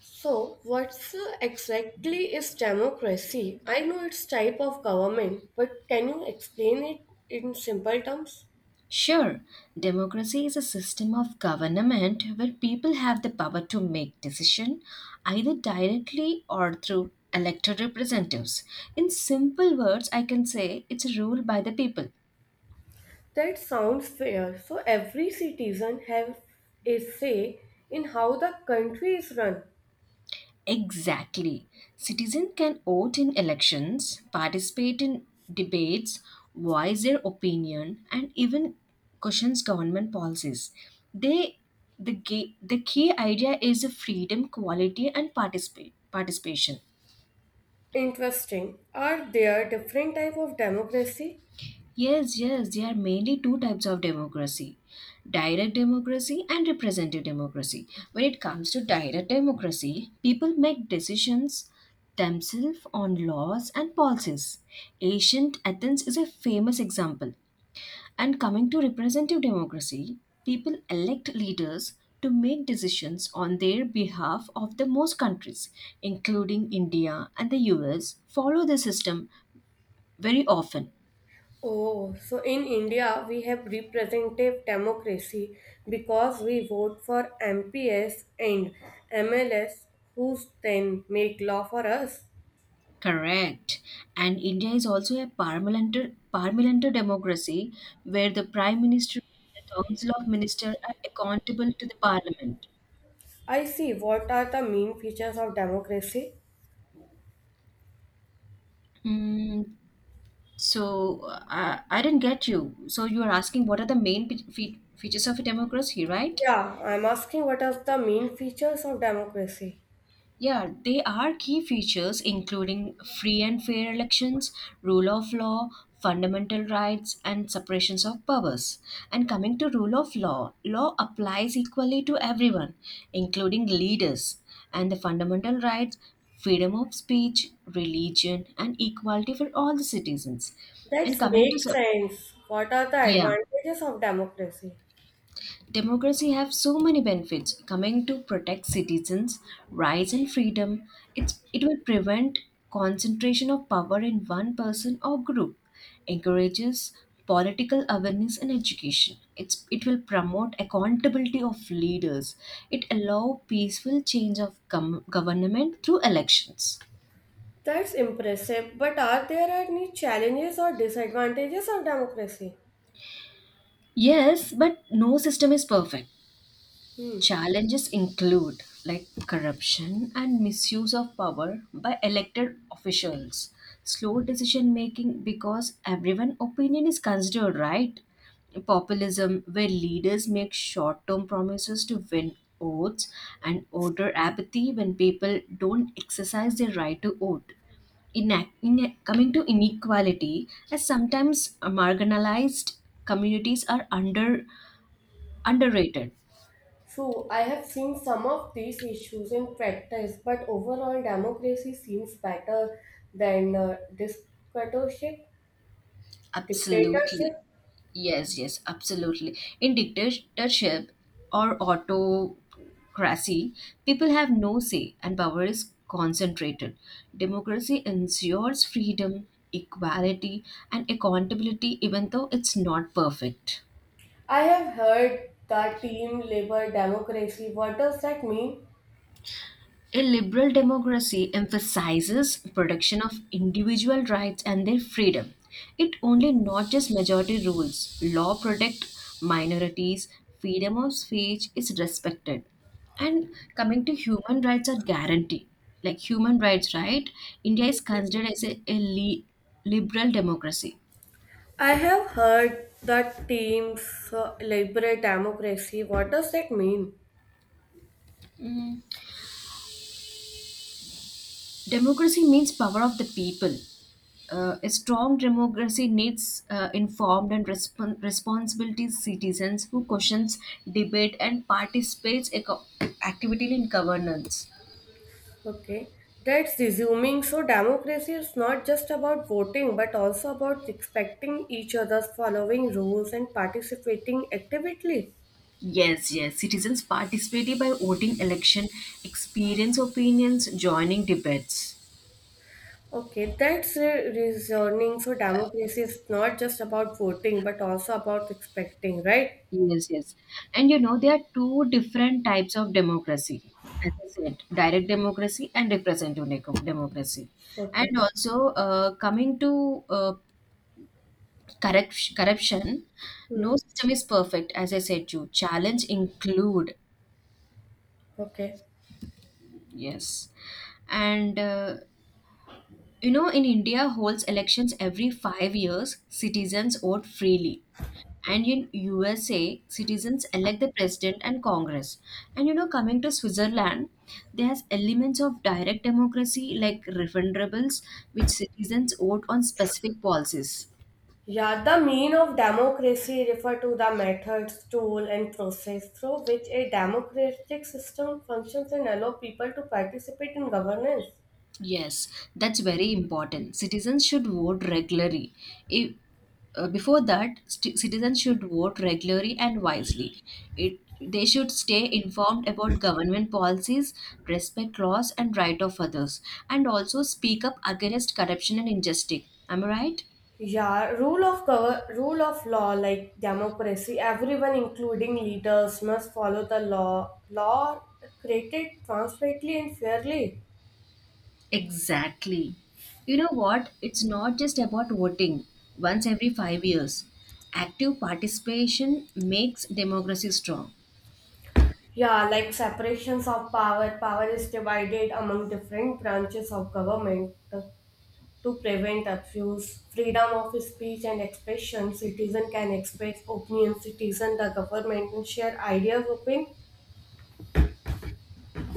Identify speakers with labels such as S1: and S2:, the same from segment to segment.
S1: So, what's exactly is democracy? I know it's type of government, but can you explain it in simple terms?
S2: Sure, democracy is a system of government where people have the power to make decision, either directly or through elected representatives. In simple words, I can say it's a rule by the people.
S1: That sounds fair. So every citizen have a say in how the country is run.
S2: Exactly. Citizens can vote in elections, participate in debates, voice their opinion, and even questions government policies. They the key idea is the freedom, quality, and participation.
S1: Interesting. Are there different type of democracy?
S2: Yes, yes, there are mainly two types of democracy, direct democracy and representative democracy. When it comes to direct democracy, people make decisions themselves on laws and policies. Ancient Athens is a famous example. And coming to representative democracy, people elect leaders to make decisions on their behalf of the most countries, including India and the US, follow the system very often.
S1: Oh, so in India we have representative democracy because we vote for MPs and MLS who then make law for us.
S2: Correct. And India is also a parliamentary democracy where the Prime Minister and the Council of Ministers are accountable to the Parliament.
S1: I see. What are the main features of democracy?
S2: Mm, so I didn't get you. So you are asking what are the main features of a democracy, right?
S1: Yeah, I'm asking what are the main features of democracy?
S2: Yeah, they are key features including free and fair elections, rule of law, fundamental rights, and separations of powers. And coming to rule of law, law applies equally to everyone, including leaders. And the fundamental rights, freedom of speech, religion, and equality for all the citizens.
S1: That
S2: And coming to
S1: makes
S2: sep-
S1: sense. What are the
S2: yeah.
S1: advantages of democracy?
S2: Democracy have so many benefits coming to protect citizens rights and freedom. It will prevent concentration of power in one person or group, encourages political awareness and education. It will promote accountability of leaders. It allow peaceful change of government through elections.
S1: That's impressive. But are there any challenges or disadvantages of democracy?
S2: Yes, but no system is perfect.
S1: Hmm.
S2: Challenges include like corruption and misuse of power by elected officials, slow decision making because everyone opinion is considered right, populism where leaders make short-term promises to win votes, and voter apathy when people don't exercise their right to vote. In, in coming to inequality, as sometimes marginalized communities are under underrated.
S1: So I have seen some of these issues in practice, but overall democracy seems better than dictatorship.
S2: Absolutely.
S1: Dictatorship.
S2: Yes, yes, absolutely. In dictatorship or autocracy, people have no say and power is concentrated. Democracy ensures freedom, equality, and accountability, even though it's not perfect.
S1: I have heard that team labor democracy. What does that mean?
S2: A liberal democracy emphasizes protection of individual rights and their freedom. It only not just majority rules. Law protect minorities, freedom of speech is respected. And coming to human rights are guaranteed. Like human rights, right? India is considered as a liberal democracy.
S1: I have heard that teams labor democracy. What does that mean?
S2: Democracy means power of the people. A strong democracy needs informed and responsibility citizens who questions, debate, and participates actively in governance.
S1: Okay, that's resuming. So, democracy is not just about voting but also about respecting each other's following rules and participating actively.
S2: Yes, yes. Citizens participate by voting election, experience opinions, joining debates.
S1: Okay, that's reasoning. So, democracy is not just about voting but also about respecting, right?
S2: Yes, yes. And you know, there are two different types of democracy. As I said, direct democracy and representative democracy. And
S1: Okay.
S2: also, coming to corruption,
S1: Hmm.
S2: no system is perfect. As I said, you challenge include.
S1: Okay.
S2: Yes. And you know, in India holds elections every 5 years, citizens vote freely. And in USA, citizens elect the president and Congress. And you know, coming to Switzerland, there has elements of direct democracy like referendums, which citizens vote on specific policies.
S1: Yeah, the mean of democracy refer to the methods, tool and process through which a democratic system functions and allow people to participate in governance.
S2: Yes, that's very important. Citizens should vote regularly. If, before that, st- Citizens should vote regularly and wisely. It, they should stay informed about government policies, respect laws and right of others, and also speak up against corruption and injustice. Am I right?
S1: Yeah, rule of law like democracy, everyone including leaders must follow the law. Law created transparently and fairly.
S2: Exactly. You know what? It's not just about voting once every 5 years. Active participation makes democracy strong.
S1: Yeah, like separations of power. Power is divided among different branches of government, to prevent abuse, freedom of speech and expression. Citizen can express opinions. Citizen, the government can share ideas, open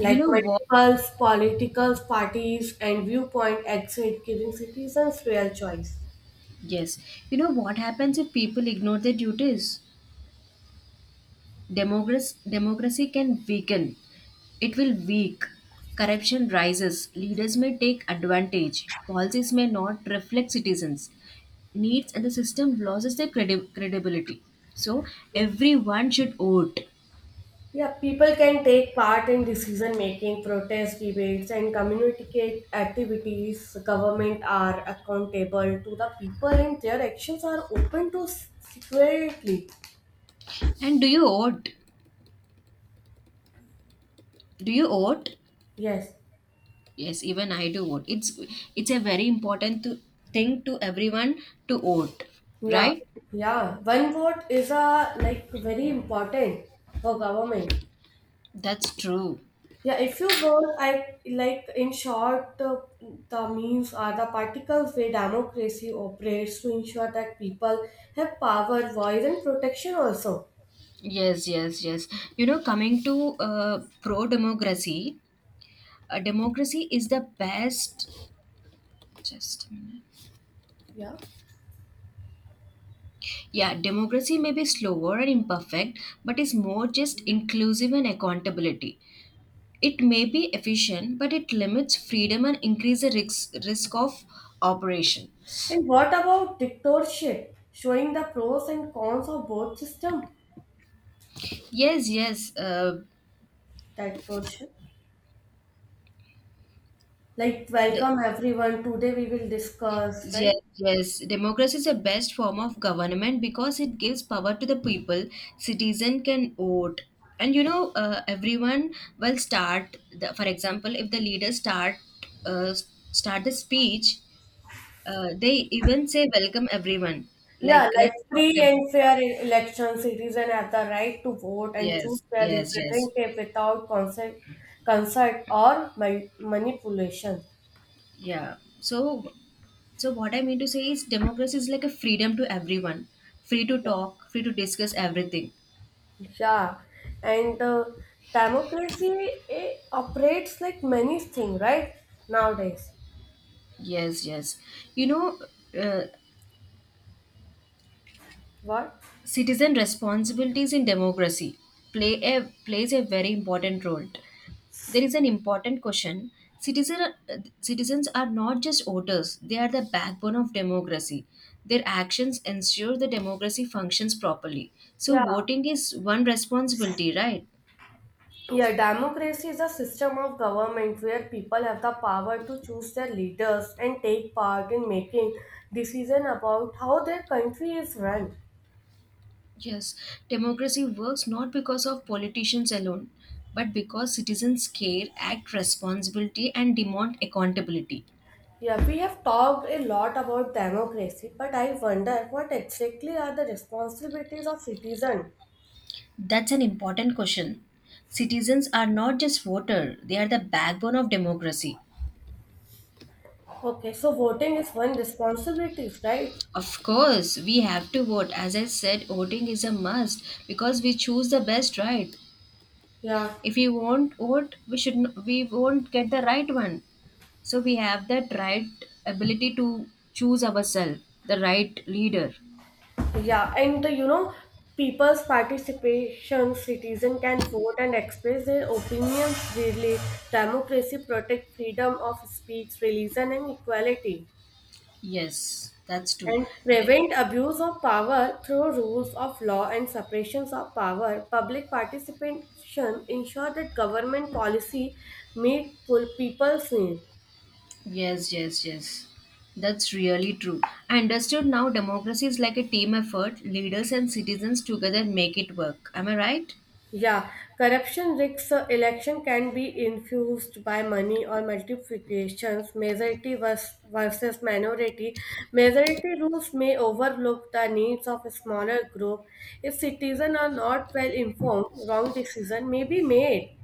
S2: You know what?
S1: multiple political parties and viewpoint exit, giving citizens real choice.
S2: Yes. You know what happens if people ignore their duties? Democracy can weaken. It will weak. Corruption rises. Leaders may take advantage. Policies may not reflect citizens' needs, and the system loses their credibility. So
S1: Yeah.
S2: everyone should vote.
S1: Yeah, people can take part in decision making, protest debates, and communicate activities. Government are accountable to the people, and their actions are open to security.
S2: And do you vote? Do you vote?
S1: Yes.
S2: Yes, even I do vote. It's a very thing to everyone to vote,
S1: Yeah,
S2: right?
S1: yeah. One vote is a like very important for government.
S2: That's true.
S1: Yeah, if you vote, I like in short, the means are the particles where democracy operates to ensure that people have power, voice, and protection also.
S2: Yes, yes, yes. You know, coming to pro democracy, democracy is the best. Just a minute.
S1: Yeah.
S2: Yeah, democracy may be slower and imperfect, but is more just inclusive and accountability. It may be efficient, but it limits freedom and increase the risk of operation.
S1: And what about dictatorship? Showing the pros and cons of both system.
S2: Yes, yes. Uh,
S1: Dictatorship. Like
S2: the
S1: welcome everyone. Today we will discuss,
S2: yes,
S1: right?
S2: yes. Democracy is the best form of government because it gives power to the people. Citizen can vote. And you know, everyone will start, the, for example, if the leaders start start the speech, they even say welcome everyone.
S1: Yeah,
S2: Like,
S1: like
S2: let's talk.
S1: free
S2: Ab-
S1: and fair elections, citizens have the right to vote and
S2: yeah.
S1: choose
S2: Yes,
S1: their
S2: yes, yes.
S1: representative without consent, consent or manipulation.
S2: Yeah. So what I mean to say is democracy is like a freedom to everyone, free to talk, free to discuss everything.
S1: Yeah, and democracy eh, operates like many things, right? Nowadays,
S2: Yes, yes. You know, uh,
S1: what?
S2: citizen responsibilities in democracy plays a very important role. There is an important question. Citizens are not just voters; they are the backbone of democracy. Their actions ensure the democracy functions properly. So,
S1: Yeah.
S2: voting is one responsibility, right?
S1: Yeah, democracy is a system of government where people have the power to choose their leaders and take part in making decision about how their country is run.
S2: Yes, democracy works not because of politicians alone, but because citizens care, act responsibility, and demand accountability.
S1: Yeah, we have talked a lot about democracy, but I wonder what exactly are the responsibilities of citizen.
S2: That's an important question. Citizens are not just voter, they are the backbone of democracy.
S1: Okay, so voting is one responsibility, right?
S2: Of course, we have to vote. As I said, voting is a must because we choose the best right.
S1: Yeah,
S2: If we won't vote, we won't get the right one. So we have that right ability to choose ourselves, the right leader.
S1: yeah, and you know, people's participation, citizen can vote and express their opinions freely. Democracy protect freedom of speech, religion, and equality,
S2: Yes, that's true.
S1: and prevent abuse of power through rules of law and separations of power. Public participation ensure that government policy meet full people's need.
S2: Yes, yes, yes. That's really true. I understood now democracy is like a team effort. Leaders and citizens together make it work. Am I right?
S1: Yeah, corruption risks election can be infused by money or multiplications, majority versus minority. Majority rules may overlook the needs of a smaller group. If citizens are not well informed, wrong decision may be made.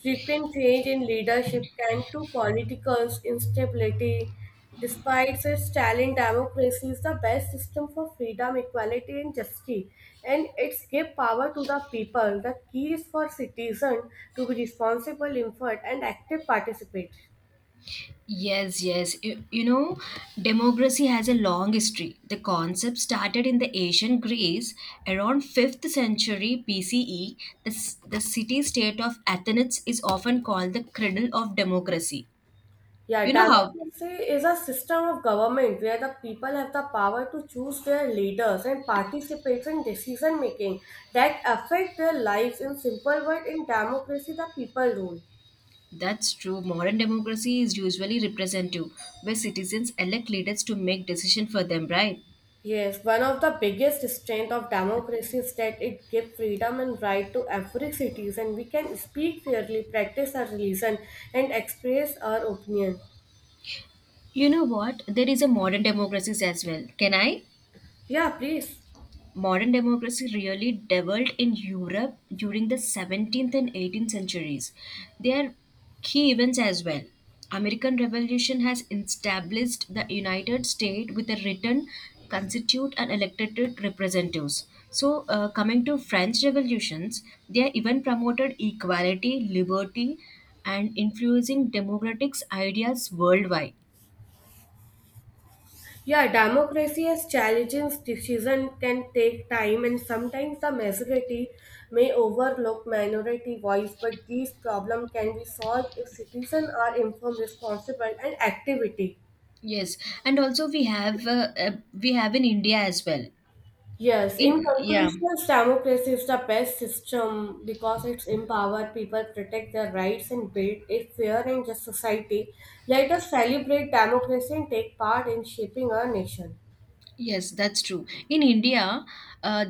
S1: Frequent change in leadership can to political instability. Despite its challenge, democracy is the best system for freedom, equality, and justice, and it's give power to the people. The key is for citizens to be responsible, informed, and active participants.
S2: Yes, yes. You know, democracy has a long history. The concept started in the ancient Greece around 5th century BCE. The city state of Athens is often called the cradle of democracy.
S1: Yeah,
S2: You know how
S1: democracy is a system of government where the people have the power to choose their leaders and participate in decision making that affect their lives. In simple word, in democracy the people rule.
S2: that's true. Modern democracy is usually representative, where citizens elect leaders to make decisions for them, right?
S1: Yes, one of the biggest strength of democracy is that it gives freedom and right to every citizen. We can speak freely, practice our religion, and express our opinion.
S2: You know what? There is a modern democracies as well. Can I?
S1: Yeah, please.
S2: Modern democracy really developed in Europe during the 17th and 18th centuries. They are key events as well. American Revolution has established the United States with a written constitute and elected representatives. So, coming to French revolutions, they even promoted equality, liberty, and influencing democratic ideas worldwide.
S1: Yeah, democracy has challenges. Decision can take time, and sometimes the majority may overlook minority voice. But these problems can be solved if citizens are informed, responsible, and activity.
S2: Yes, and also we have in India as well.
S1: Yes, in
S2: In yeah,
S1: conclusion, democracy is the best system because it's empower people, protect their rights, and build a fair and just society. Let us celebrate democracy and take part in shaping our nation.
S2: yes, that's true. In India, uh,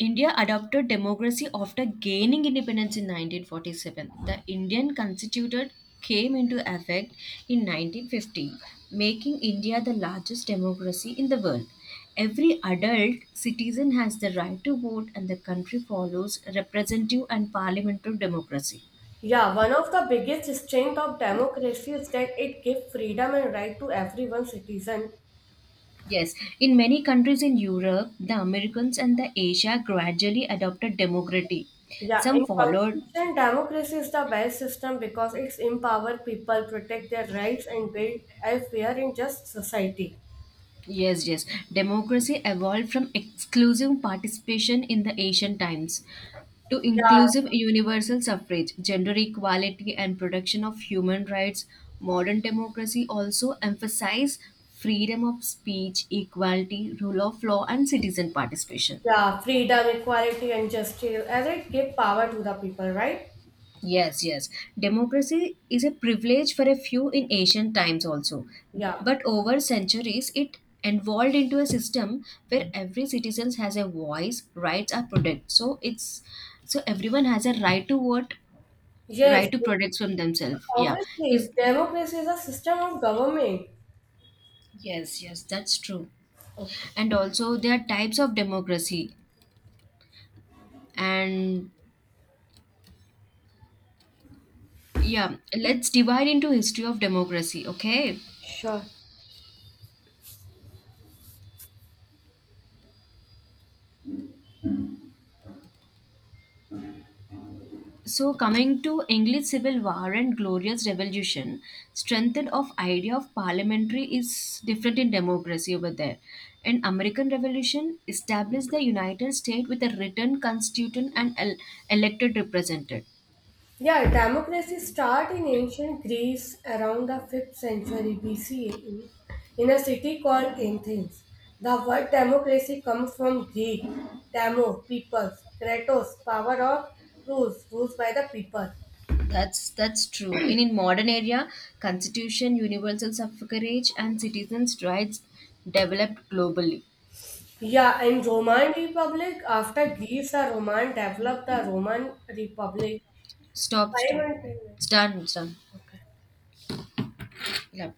S2: India adopted democracy after gaining independence in 1947. The Indian Constitution came into effect in 1950, making India the largest democracy in the world. Every adult citizen has the right to vote, and the country follows representative and parliamentary democracy.
S1: Yeah, one of the biggest strength of democracy is that it gives freedom and right to every one citizen.
S2: Yes, in many countries in Europe, the Americans and the Asia gradually adopted democracy.
S1: Yeah,
S2: Some
S1: in
S2: followed
S1: conclusion, democracy is the best system because it's empower people, protect their rights, and build a fair and just society.
S2: yes, yes. Democracy evolved from exclusive participation in the ancient times to
S1: Yeah,
S2: inclusive universal suffrage, gender equality, and protection of human rights. Modern democracy also emphasizes freedom of speech, equality, rule of law, and citizen participation.
S1: yeah, freedom, equality, and justice, as it give power to the people, right?
S2: Yes, yes. Democracy is a privilege for a few in ancient times also.
S1: Yeah.
S2: But over centuries, it evolved into a system where every citizen has a voice, rights are protected. So it's so everyone has a right to vote,
S1: Yes,
S2: right to protect from themselves. Yeah.
S1: obviously,
S2: Is
S1: democracy is a system of government.
S2: yes, yes, that's true.
S1: Okay.
S2: And also there are types of democracy. And yeah, let's divide into history of democracy, okay?
S1: Sure.
S2: So coming to English Civil War and Glorious Revolution, strengthened of idea of parliamentary is different in democracy over there. And American Revolution established the United States with a written constitution and elected representative.
S1: Yeah, democracy started in ancient Greece around the 5th century BCE in a city called Athens. The word democracy comes from Greek: demo, people, kratos, power or rules, rules by the people.
S2: That's true. And in modern era, constitution, universal suffrage, and citizens' rights developed globally.
S1: Yeah, in Roman Republic, after Greece, the Roman developed the Roman Republic.
S2: Stop,
S1: Five
S2: stop.
S1: hundred.
S2: It's done.
S1: Okay.
S2: We'll update.